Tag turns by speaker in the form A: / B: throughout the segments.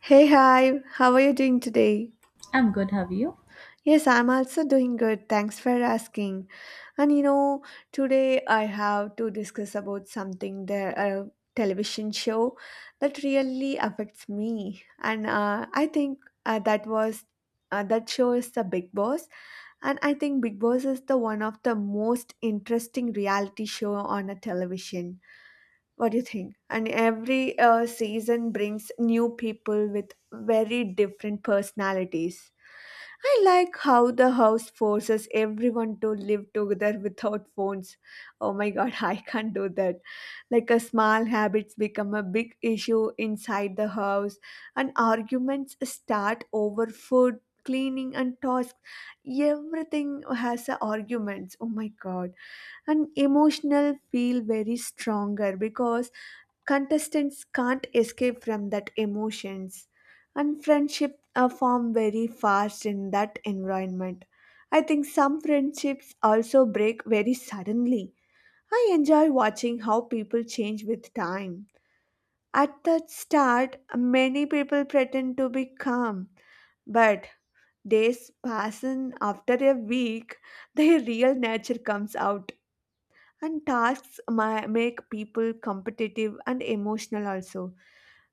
A: Hey, hi, how are you doing today?
B: I'm good, have you?
A: Yes, I'm also doing good. Thanks for asking. And you know, today I have to discuss about something that a television show that really affects me. And I think uh, that was that show is the Big Boss. And I think Big Boss is the one of the most interesting reality show on a television, what do you think? And every season brings new people with very different personalities. I like how the house forces everyone to live together without phones. Oh my god, I can't do that. Like a small habits become a big issue inside the house, and arguments start over food, cleaning and tasks. Everything has a arguments. Oh my god. And emotional feel very stronger because contestants can't escape from that emotions, and friendship form very fast in that environment. I think some friendships also break very suddenly. I enjoy watching how people change with time. At the start, many people pretend to be calm, but days pass and after a week their real nature comes out, and make people competitive and emotional also.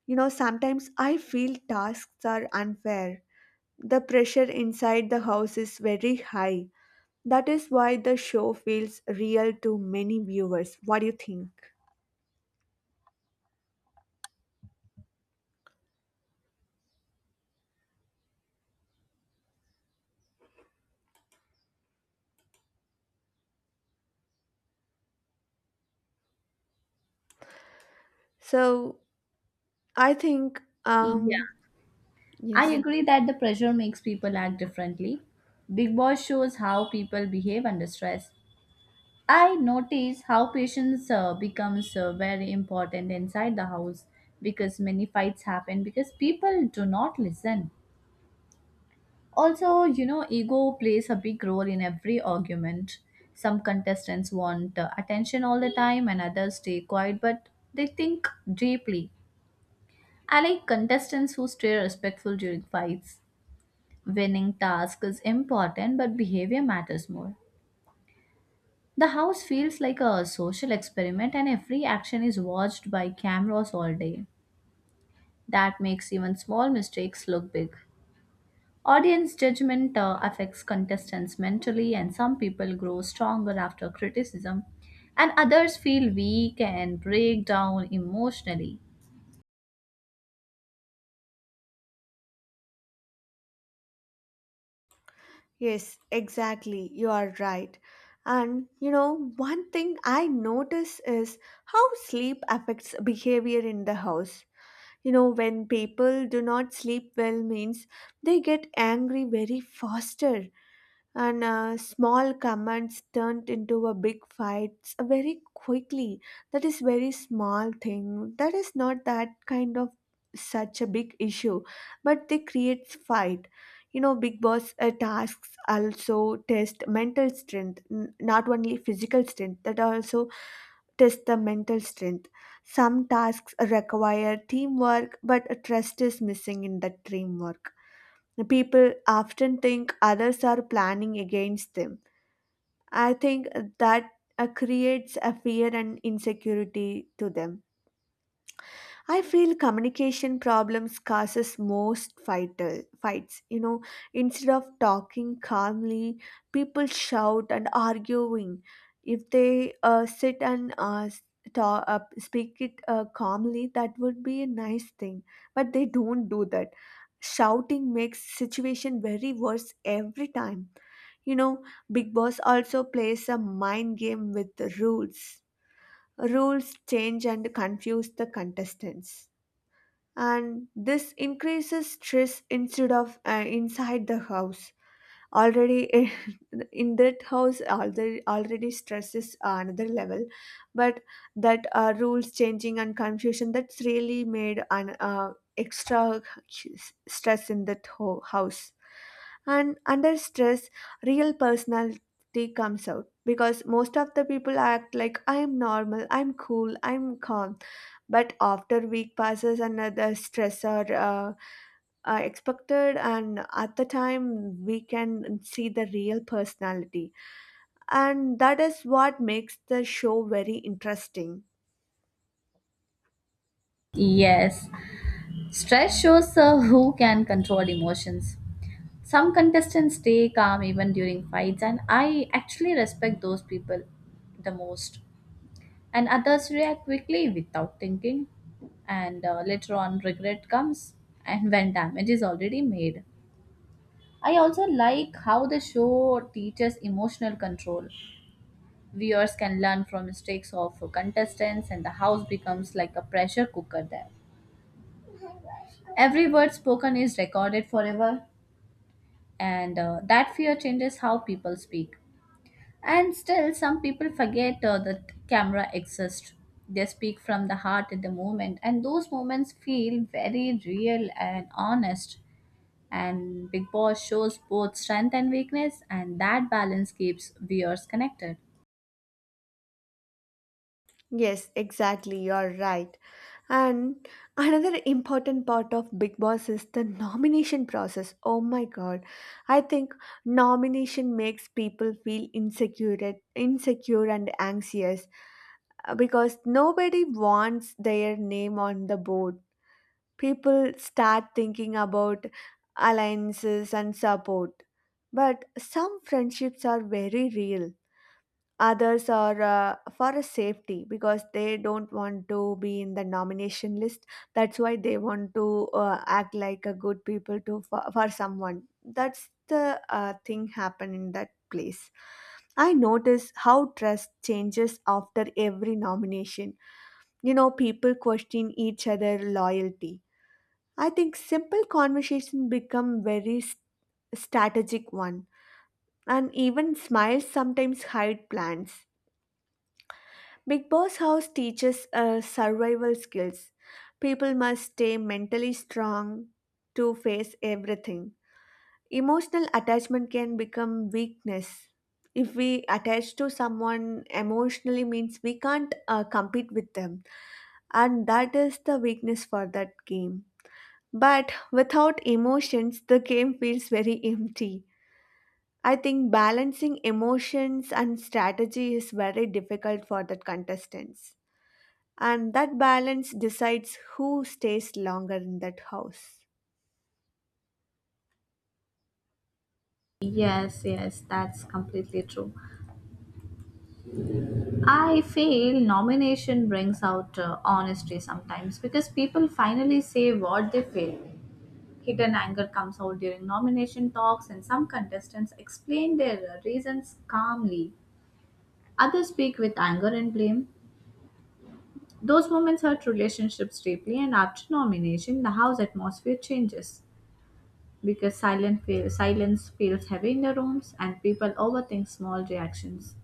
A: You know, sometimes I feel tasks are unfair. The pressure inside the house is very high. That is why the show feels real to many viewers. What do you think? So, I think,
B: Yeah, I
A: yes,
B: agree that the pressure makes people act differently. Big Boss shows how people behave under stress. I notice how patience becomes very important inside the house because many fights happen because people do not listen. Also, you know, ego plays a big role in every argument. Some contestants want attention all the time and others stay quiet but they think deeply. I like contestants who stay respectful during fights. Winning task is important, but behavior matters more. The house feels like a social experiment, and every action is watched by cameras all day. That makes even small mistakes look big. Audience judgment affects contestants mentally, and some people grow stronger after criticism, and others feel weak and break down emotionally.
A: yes, exactly. You are right. And you know, one thing I notice is how sleep affects behavior in the house. You know, when people do not sleep well means they get angry very faster, and small comments turned into a big fights very quickly. That is very small thing, that is not that kind of such a big issue, but they create fight. You know, big boss tasks also test mental strength, not only physical strength, that also test the mental strength. Some tasks require teamwork, but trust is missing in that teamwork. People often think others are planning against them. I think that creates a fear and insecurity to them. I feel communication problems causes most vital fights. You know, instead of talking calmly, people shout and arguing. If they sit and talk, speak it calmly, that would be a nice thing. But they don't do that. Shouting makes situation very worse every time. You know, Big Boss also plays a mind game with the rules. Rules change and confuse the contestants, and this increases stress instead of inside the house already. In that house already stress is another level, but that rules changing and confusion that's really made an extra stress in that house. And under stress, real personality comes out because most of the people act like I am normal, I'm cool, I'm calm, but after week passes and the stressor uh, expected, and at the time we can see the real personality, and that is what makes the show very interesting.
B: Yes, stress shows who can control emotions. Some contestants stay calm even during fights, and I actually respect those people the most. And others react quickly without thinking, and later on, regret comes and when damage is already made. I also like how the show teaches emotional control. Viewers can learn from mistakes of contestants, and the house becomes like a pressure cooker there. Every word spoken is recorded forever and that fear changes how people speak. And still, some people forget that camera exists. They speak from the heart at the moment, and those moments feel very real and honest. And Big Boss shows both strength and weakness, and that balance keeps viewers connected.
A: Yes, exactly, you're right. And another important part of Big Boss is the nomination process. Oh my god. I think nomination makes people feel insecure and anxious, because nobody wants their name on the board. People start thinking about alliances and support. But some friendships are very real. Others are for a safety because they don't want to be in the nomination list. That's why they want to act like a good people to for someone. That's the thing happen in that place. I notice how trust changes after every nomination. You know, people question each other loyalty. I think simple conversation become strategic one, and even smiles sometimes hide plans. Big Boss House teaches survival skills. People must stay mentally strong to face everything. Emotional attachment can become weakness. If we attach to someone emotionally means we can't compete with them, and that is the weakness for that game. But without emotions, the game feels very empty. I think balancing emotions and strategy is very difficult for the contestants. And that balance decides who stays longer in that house.
B: Yes, yes, that's completely true. I feel nomination brings out honesty sometimes because people finally say what they feel. Hidden anger comes out during nomination talks, and some contestants explain their reasons calmly. Others speak with anger and blame. Those moments hurt relationships deeply, and after nomination, the house atmosphere changes because silence feels heavy in the rooms, and people overthink small reactions.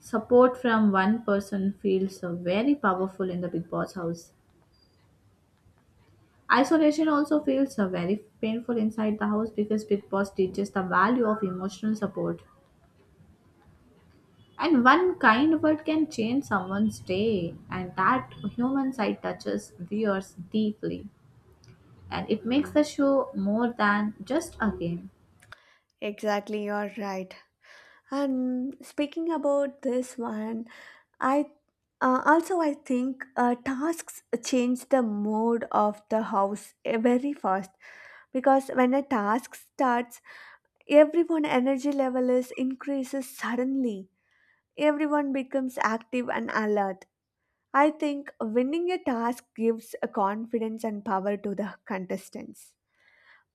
B: Support from one person feels very powerful in the Big Boss house. Isolation also feels very painful inside the house because Big Boss teaches the value of emotional support. And one kind word can change someone's day, and that human side touches viewers deeply. And it makes the show more than just a game.
A: Exactly, you're right. And speaking about this one, I also I think tasks change the mode of the house very fast because when a task starts, everyone energy level is increases suddenly. Everyone becomes active and alert. I think winning a task gives a confidence and power to the contestants.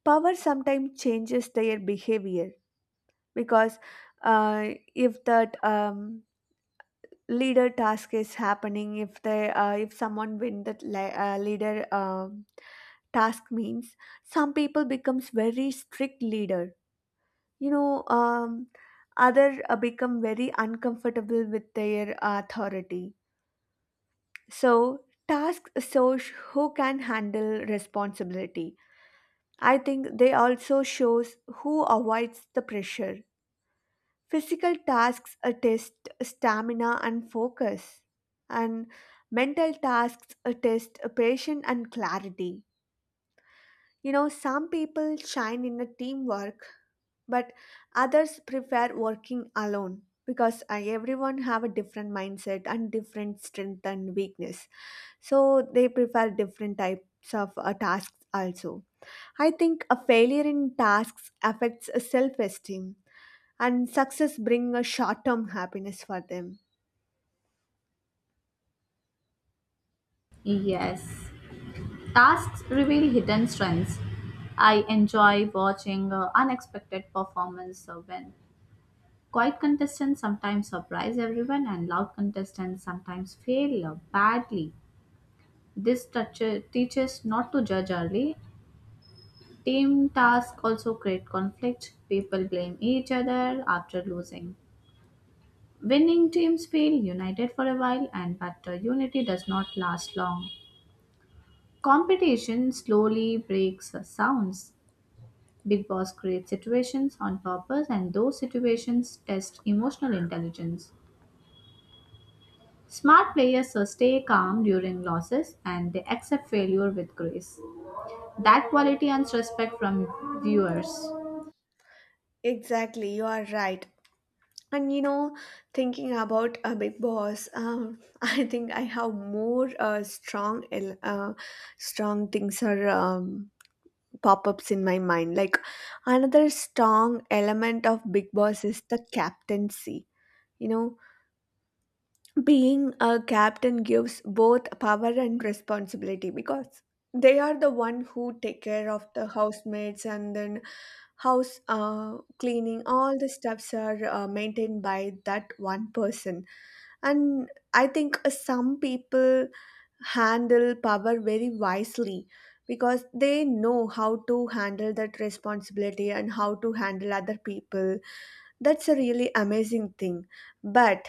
A: Power sometimes changes their behavior because uh, if that leader task is happening, if they if someone win that leader task means some people becomes very strict leader. You know, others become very uncomfortable with their authority. So, task shows who can handle responsibility. I think they also shows who avoids the pressure. Physical tasks test stamina and focus, and mental tasks test patience and clarity. You know, some people shine in a teamwork, but others prefer working alone because everyone have a different mindset and different strength and weakness, so they prefer different types of tasks also. I think a failure in tasks affects a self-esteem, and success bring a short-term happiness for them.
B: Yes, tasks reveal hidden strengths. I enjoy watching unexpected performance when quiet contestants sometimes surprise everyone and loud contestants sometimes fail badly. Teaches not to judge early. Team tasks also create conflict. People blame each other after losing. Winning teams feel united for a while, and but unity does not last long. Competition slowly breaks sounds. Big Boss creates situations on purpose, and those situations test emotional intelligence. Smart players stay calm during losses and they accept failure with grace. That quality earns respect from viewers.
A: Exactly, you are right. And you know, thinking about a big boss, I think I have more strong things are pop-ups in my mind. Like, another strong element of big boss is the captaincy. You know, being a captain gives both power and responsibility because they are the one who take care of the housemates, and then house cleaning, all the stuffs are maintained by that one person. And I think some people handle power very wisely because they know how to handle that responsibility and how to handle other people. That's a really amazing thing. But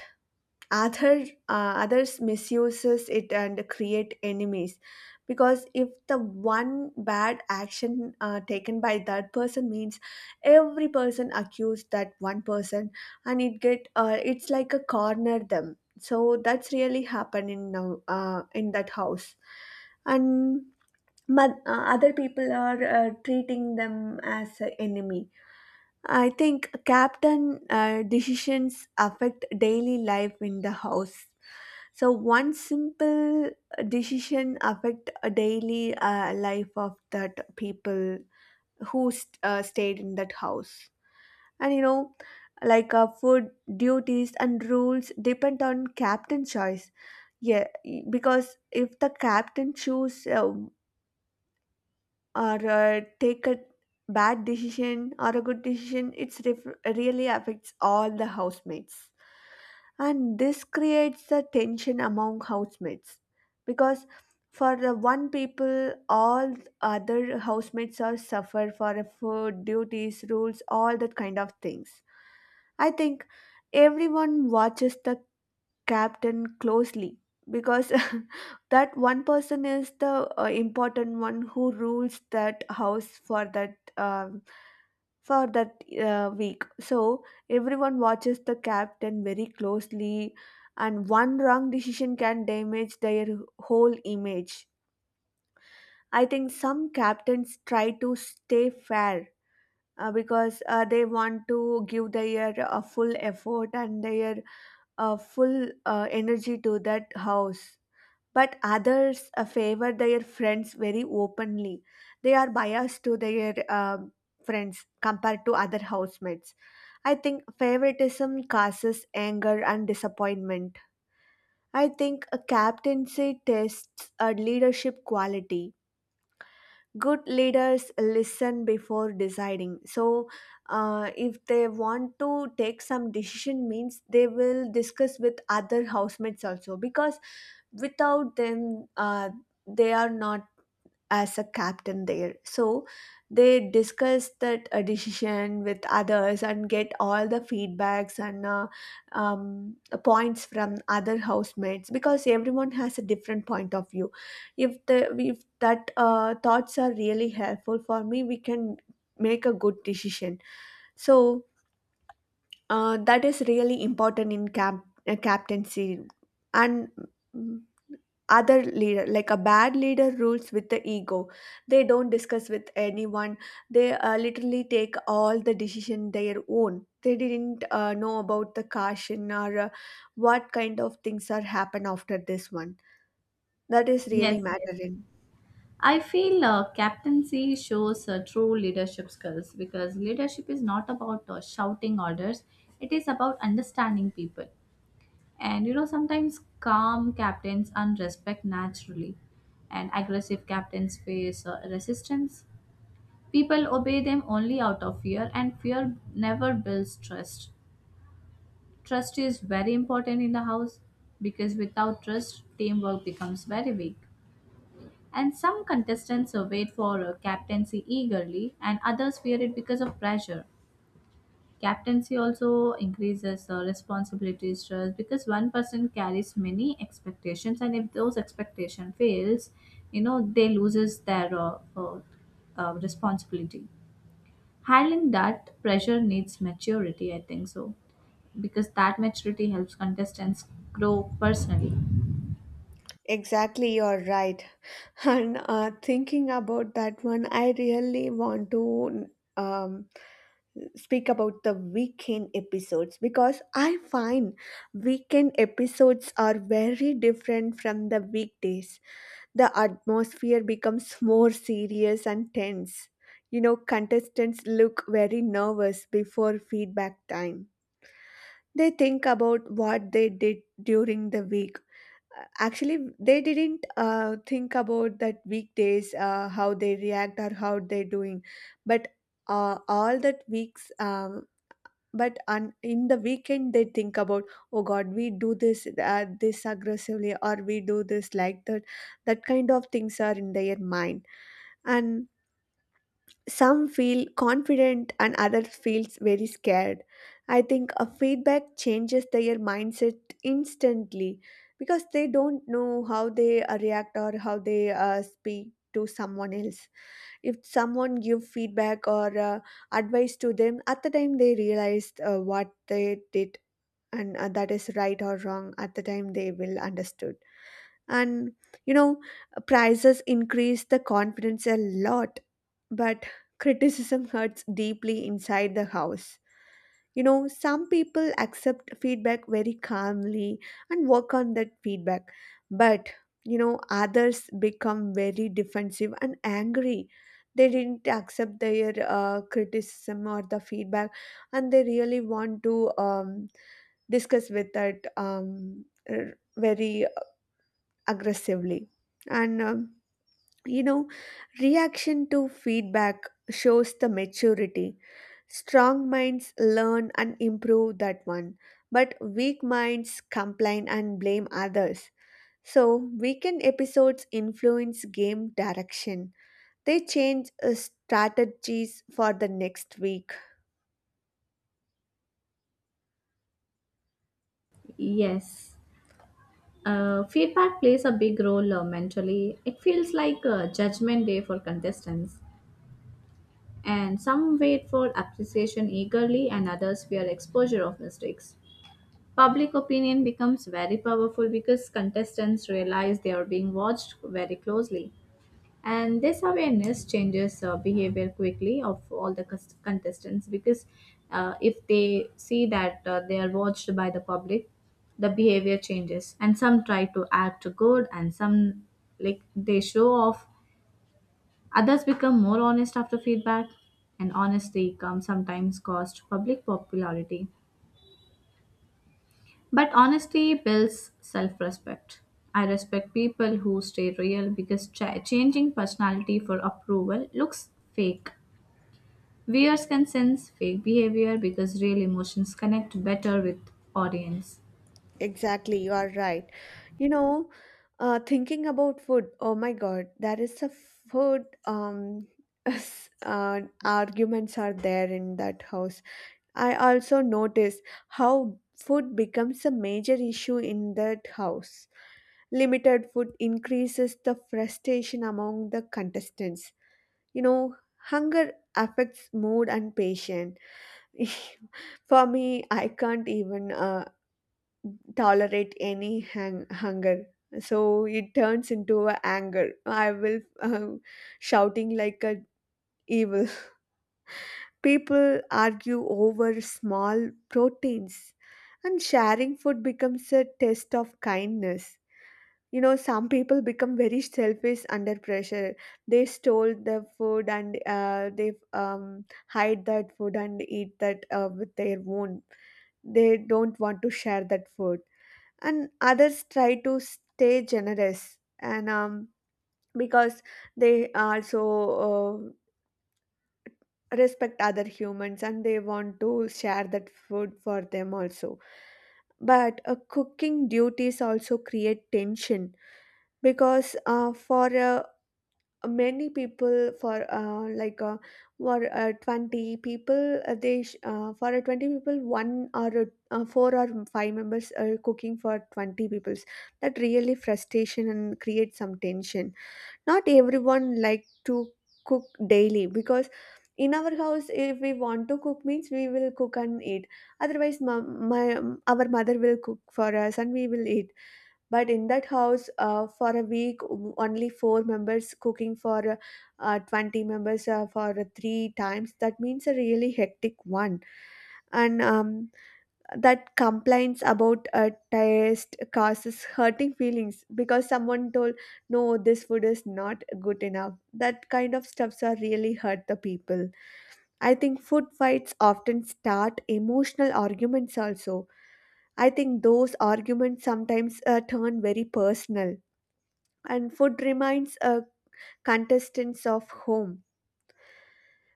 A: other, others misuses it and create enemies, because if the one bad action taken by that person means every person accused that one person, and it get it's like a corner them, so that's really happening now in that house. And but other people are treating them as an enemy. I think captain decisions affect daily life in the house, so one simple decision affect a daily life of that people who stayed in that house. And you know, like food duties and rules depend on captain choice. Yeah, because if the captain choose or take a bad decision or a good decision, it's ref- really affects all the housemates. And this creates a tension among housemates because for the one people all other housemates are suffer for the food duties rules all that kind of things. I think everyone watches the captain closely because that one person is the important one who rules that house for that week. So everyone watches the captain very closely, and one wrong decision can damage their whole image. I think some captains try to stay fair, because they want to give their full effort and their full energy to that house, but others favor their friends very openly. They are biased to their friends compared to other housemates. I think favoritism causes anger and disappointment. I think a captaincy tests a leadership quality. Good leaders listen before deciding, so if they want to take some decision means they will discuss with other housemates also, because without them they are not as a captain there. So they discuss that decision with others and get all the feedbacks and points from other housemates because everyone has a different point of view. If that thoughts are really helpful for me, we can make a good decision. So that is really important in captaincy, and mm, other leader like a bad leader rules with the ego. They don't discuss with anyone. They literally take all the decision their own. They didn't know about the caution or what kind of things are happen after this one. That is really
B: Yes, yes.
A: mattering.
B: I feel captaincy shows true leadership skills because leadership is not about shouting orders, it is about understanding people. And you know, sometimes calm captains earn respect naturally, and aggressive captains face resistance. People obey them only out of fear, and fear never builds trust. Trust is very important in the house because without trust, teamwork becomes very weak. And some contestants surveyed for captaincy eagerly, and others fear it because of pressure. Captaincy also increases the responsibility stress because one person carries many expectations, and if those expectation fails, you know they loses their responsibility. Handling that pressure needs maturity, I think so, because that maturity helps contestants grow personally.
A: Exactly, you're right. And thinking about that one, I really want to um, speak about the weekend episodes because I find weekend episodes are very different from the weekdays. The atmosphere becomes more serious and tense. You know, contestants look very nervous before feedback time. They think about what they did during the week. Actually they didn't think about that weekdays, how they react or how they're doing, but all that weeks, but in the weekend they think about, oh god, we do this this aggressively, or we do this like that. That kind of things are in their mind. And some feel confident and others feels very scared. I think a feedback changes their mindset instantly, because they don't know how they react or how they speak to someone else. If someone give feedback or advice to them, at the time they realized what they did and that is right or wrong, at the time they will understood. And you know prices increase the confidence a lot, but criticism hurts deeply inside the house. Some people accept feedback very calmly and work on that feedback, but others become very defensive and angry. They didn't accept their criticism or the feedback, and they really want to discuss with that very aggressively. And you know, reaction to feedback shows the maturity. Strong minds learn and improve that one, but weak minds complain and blame others. So, weekend episodes influence game direction. They change strategies for the next week.
B: Yes. Feedback plays a big role mentally. It feels like a judgment day for contestants, and some wait for appreciation eagerly, and others fear exposure of mistakes. Public opinion becomes very powerful because contestants realize they are being watched very closely and this awareness changes behavior quickly of all the contestants because if they see that they are watched by the public, the behavior changes and some try to act good and some, like, they show off. Others become more honest after feedback, and honesty comes sometimes cost public popularity, but honesty builds self respect. I respect people who stay real because changing personality for approval looks fake. Viewers can sense fake behavior because real emotions connect better with audience.
A: Exactly, you are right. You know, Thinking about food, oh my God, there is a food arguments are there in that house. I also noticed how food becomes a major issue in that house. Limited food increases the frustration among the contestants. You know, Hunger affects mood and patience. For me, I can't even tolerate any hunger, so it turns into a anger. I will shouting like a evil. People argue over small proteins, and sharing food becomes a test of kindness. Some people become very selfish under pressure. They stole the food, and they hide that food and eat that with their own. They don't want to share that food, and others try to stay generous, and because they also uh, respect other humans and they want to share that food for them also. But cooking duties also create tension, because for a many people for 20 people, they for a 20 people, one or four or five members are cooking for 20 peoples. That really frustration and creates some tension. Not everyone like to cook daily, because in our house if we want to cook means we will cook and eat. Otherwise mom, my our mother will cook for us and we will eat. But in that house, for a week only four members cooking for 20 members for three times. That means a really hectic one. And that complaints about taste causes hurting feelings, because someone told no this food is not good enough. That kind of stuffs are really hurt the people. I think food fights often start emotional arguments also. I think those arguments sometimes turn very personal, and food reminds contestants of home.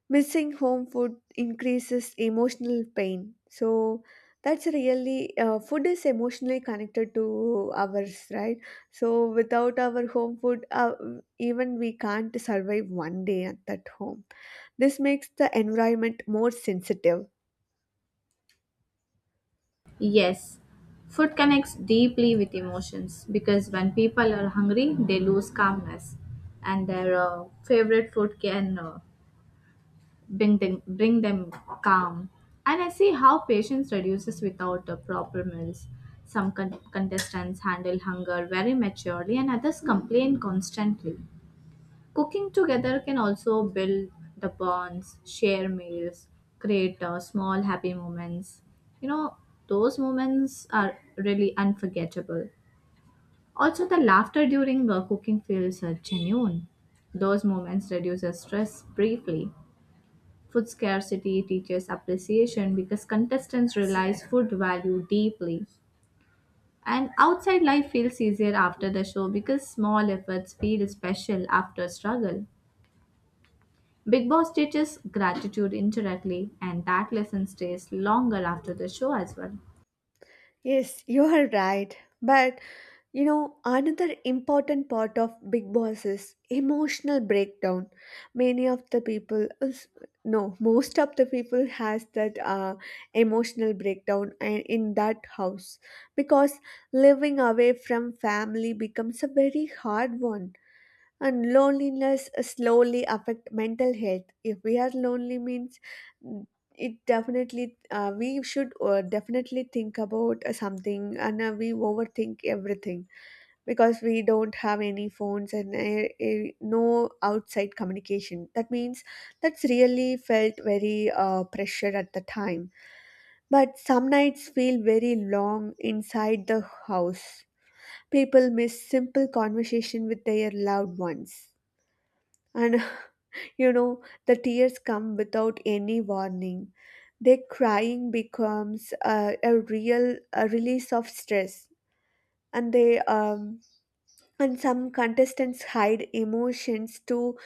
A: Missing home food increases emotional pain. So that's really food is emotionally connected to ours, right? So without our home food, even we can't survive one day at that home. This makes the environment more sensitive.
B: Yes, food connects deeply with emotions because when people are hungry, they lose calmness, and their favorite food can bring them calm. And I see how patience reduces without proper meals. Some contestants handle hunger very maturely, and others complain constantly. Cooking together can also build the bonds, share meals, create small happy moments. You know, those moments are really unforgettable. Also, the laughter during cooking feels genuine. Those moments reduce the stress briefly. Food scarcity teaches appreciation because contestants realize food value deeply. And outside life feels easier after the show because small efforts feel special after struggle. Big Boss teaches gratitude indirectly, and that lesson stays longer after the show as well.
A: Yes, you are right. But another important part of Big Boss is emotional breakdown. Many of the people, no, most of the people has that emotional breakdown and in that house, because living away from family becomes a very hard one. And loneliness slowly affect mental health. If we are lonely means, mm, it definitely, we should definitely think about something, and we overthink everything, because we don't have any phones and no outside communication. That means that's really felt very pressure at the time. But some nights feel very long inside the house. People miss simple conversation with their loved ones. And the tears come without any warning. Their crying becomes a real a release of stress, and they and some contestants hide emotions to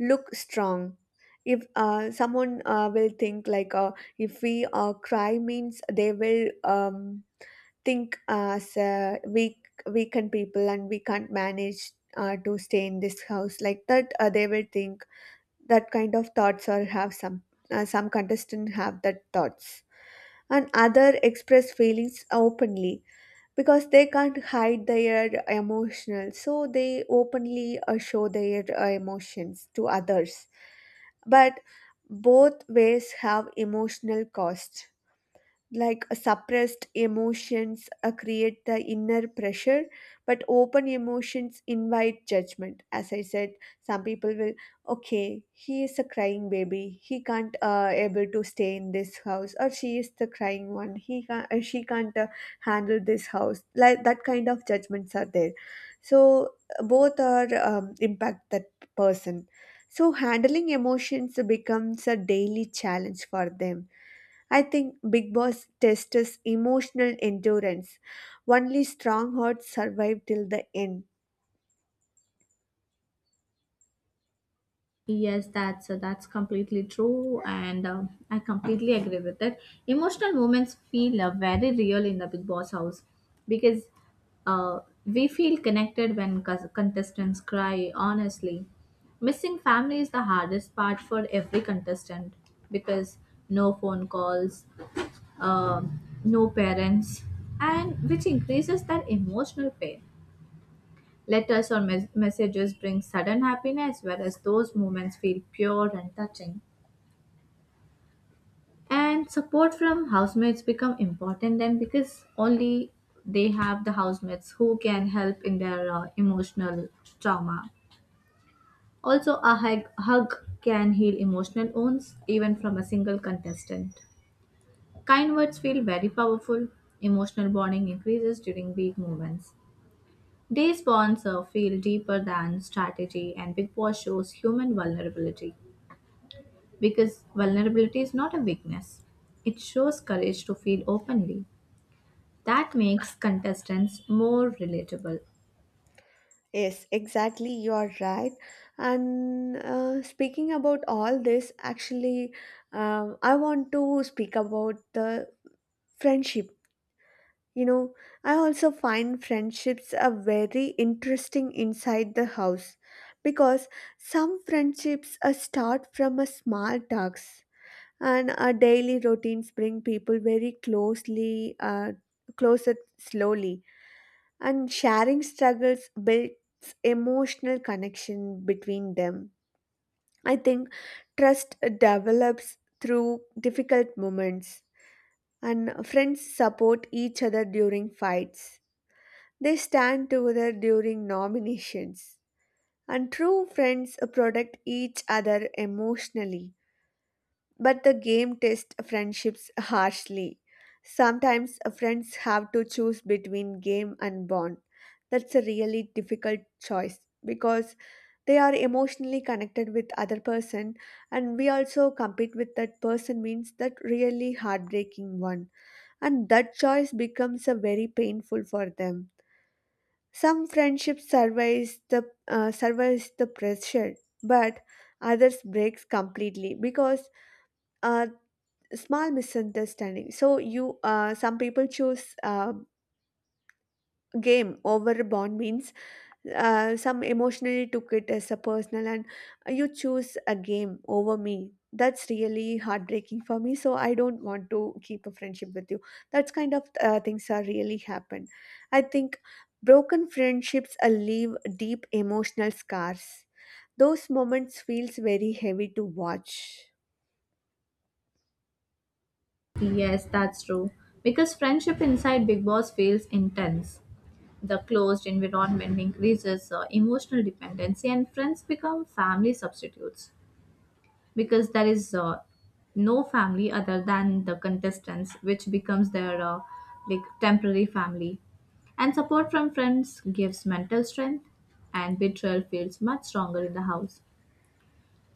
A: look strong. If someone will think like, if we cry means, they will think as weakened people and we can't manage to stay in this house, like that they will think. That kind of thoughts, or have some contestant have that thoughts. And other express feelings openly, because they can't hide their emotional, so they openly show their emotions to others. But both ways have emotional cost, like suppressed emotions create the inner pressure, but open emotions invite judgment. As I said, some people will, okay he is a crying baby, he can't able to stay in this house, or she is the crying one, he can't, she can't handle this house, like that kind of judgments are there. So both are impact that person. So handling emotions becomes a daily challenge for them. I think Big Boss tests emotional endurance. Only strong hearts survive till the end.
B: Yes, that's completely true, and I completely agree with it. Emotional moments feel very real in the Big Boss house because we feel connected when contestants cry. Honestly, missing family is the hardest part for every contestant because no phone calls, no parents, and which increases their emotional pain. Letters or messages bring sudden happiness, whereas those moments feel pure and touching. And support from housemates become important then because only they have the housemates who can help in their emotional trauma. Also, a hug can heal emotional wounds even from a single contestant. Kind words feel very powerful. Emotional bonding increases during big moments. These bonds feel deeper than strategy, and Big Boss shows human vulnerability because vulnerability is not a weakness. It shows courage to feel openly. That makes contestants more relatable.
A: Yes, exactly, you are right. And speaking about all this, actually, I want to speak about the friendship. You know, I also find friendships are very interesting inside the house, because some friendships start from a small talks, and our daily routines bring people very closely closer slowly, and sharing struggles builds emotional connection between them. I think trust develops through difficult moments, and friends support each other during fights. They stand together during nominations, and true friends protect each other emotionally. But the game tests friendships harshly. Sometimes friends have to choose between game and bond. That's a really difficult choice, because they are emotionally connected with other person, and we also compete with that person means that really heartbreaking one, and that choice becomes a very painful for them. Some friendships survives the pressure, but others breaks completely, because uh, small misunderstanding. So you some people choose game over a bond, means some emotionally took it as a personal, and you choose a game over me, that's really heartbreaking for me, so I don't want to keep a friendship with you. That's kind of things are really happen. I think broken friendships leave deep emotional scars. Those moments feels very heavy to watch.
B: Yes, that's true. Because friendship inside Big Boss feels intense. The closed environment increases emotional dependency, and friends become family substitutes, because there is no family other than the contestants, which becomes their like temporary family. And support from friends gives mental strength, and betrayal feels much stronger in the house.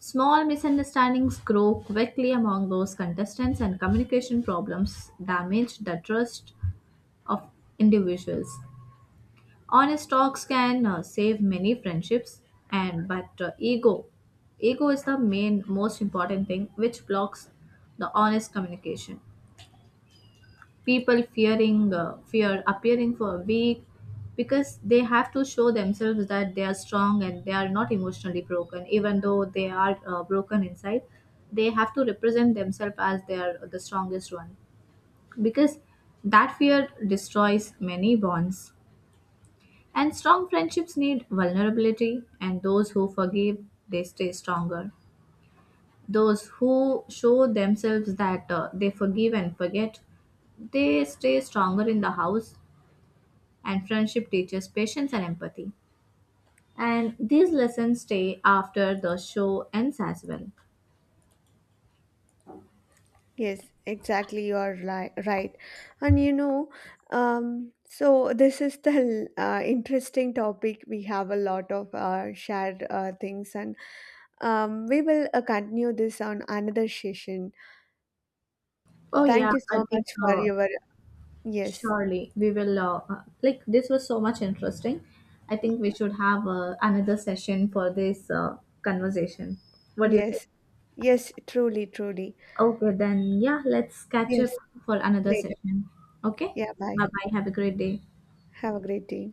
B: Small misunderstandings grow quickly among those contestants, and communication problems damage the trust of individuals. Honest talks can save many friendships, and but ego is the main most important thing which blocks the honest communication. People fear appearing for weak because they have to show themselves that they are strong and they are not emotionally broken even though they are broken inside. They have to represent themselves as they are the strongest one because that fear destroys many bonds, and strong friendships need vulnerability, and those who forgive, they stay stronger. Those who show themselves that they forgive and forget, they stay stronger in the house, and friendship teaches patience and empathy. And these lessons stay after the show ends as well.
A: Yes, exactly. You are right. And so this is the interesting topic. We have a lot of shared things, and we will continue this on another session.
B: Oh, yeah,
A: Thank you so
B: I think
A: much for your, yes,
B: surely we will. This was so much interesting. I think we should have another session for this conversation. What do you think?
A: yes, yes, truly, truly.
B: Okay, then yeah, let's catch up
A: Yes,
B: for another
A: later.
B: session. Okay,
A: Yeah,
B: bye
A: bye.
B: bye. Have a great day.
A: Have a great day.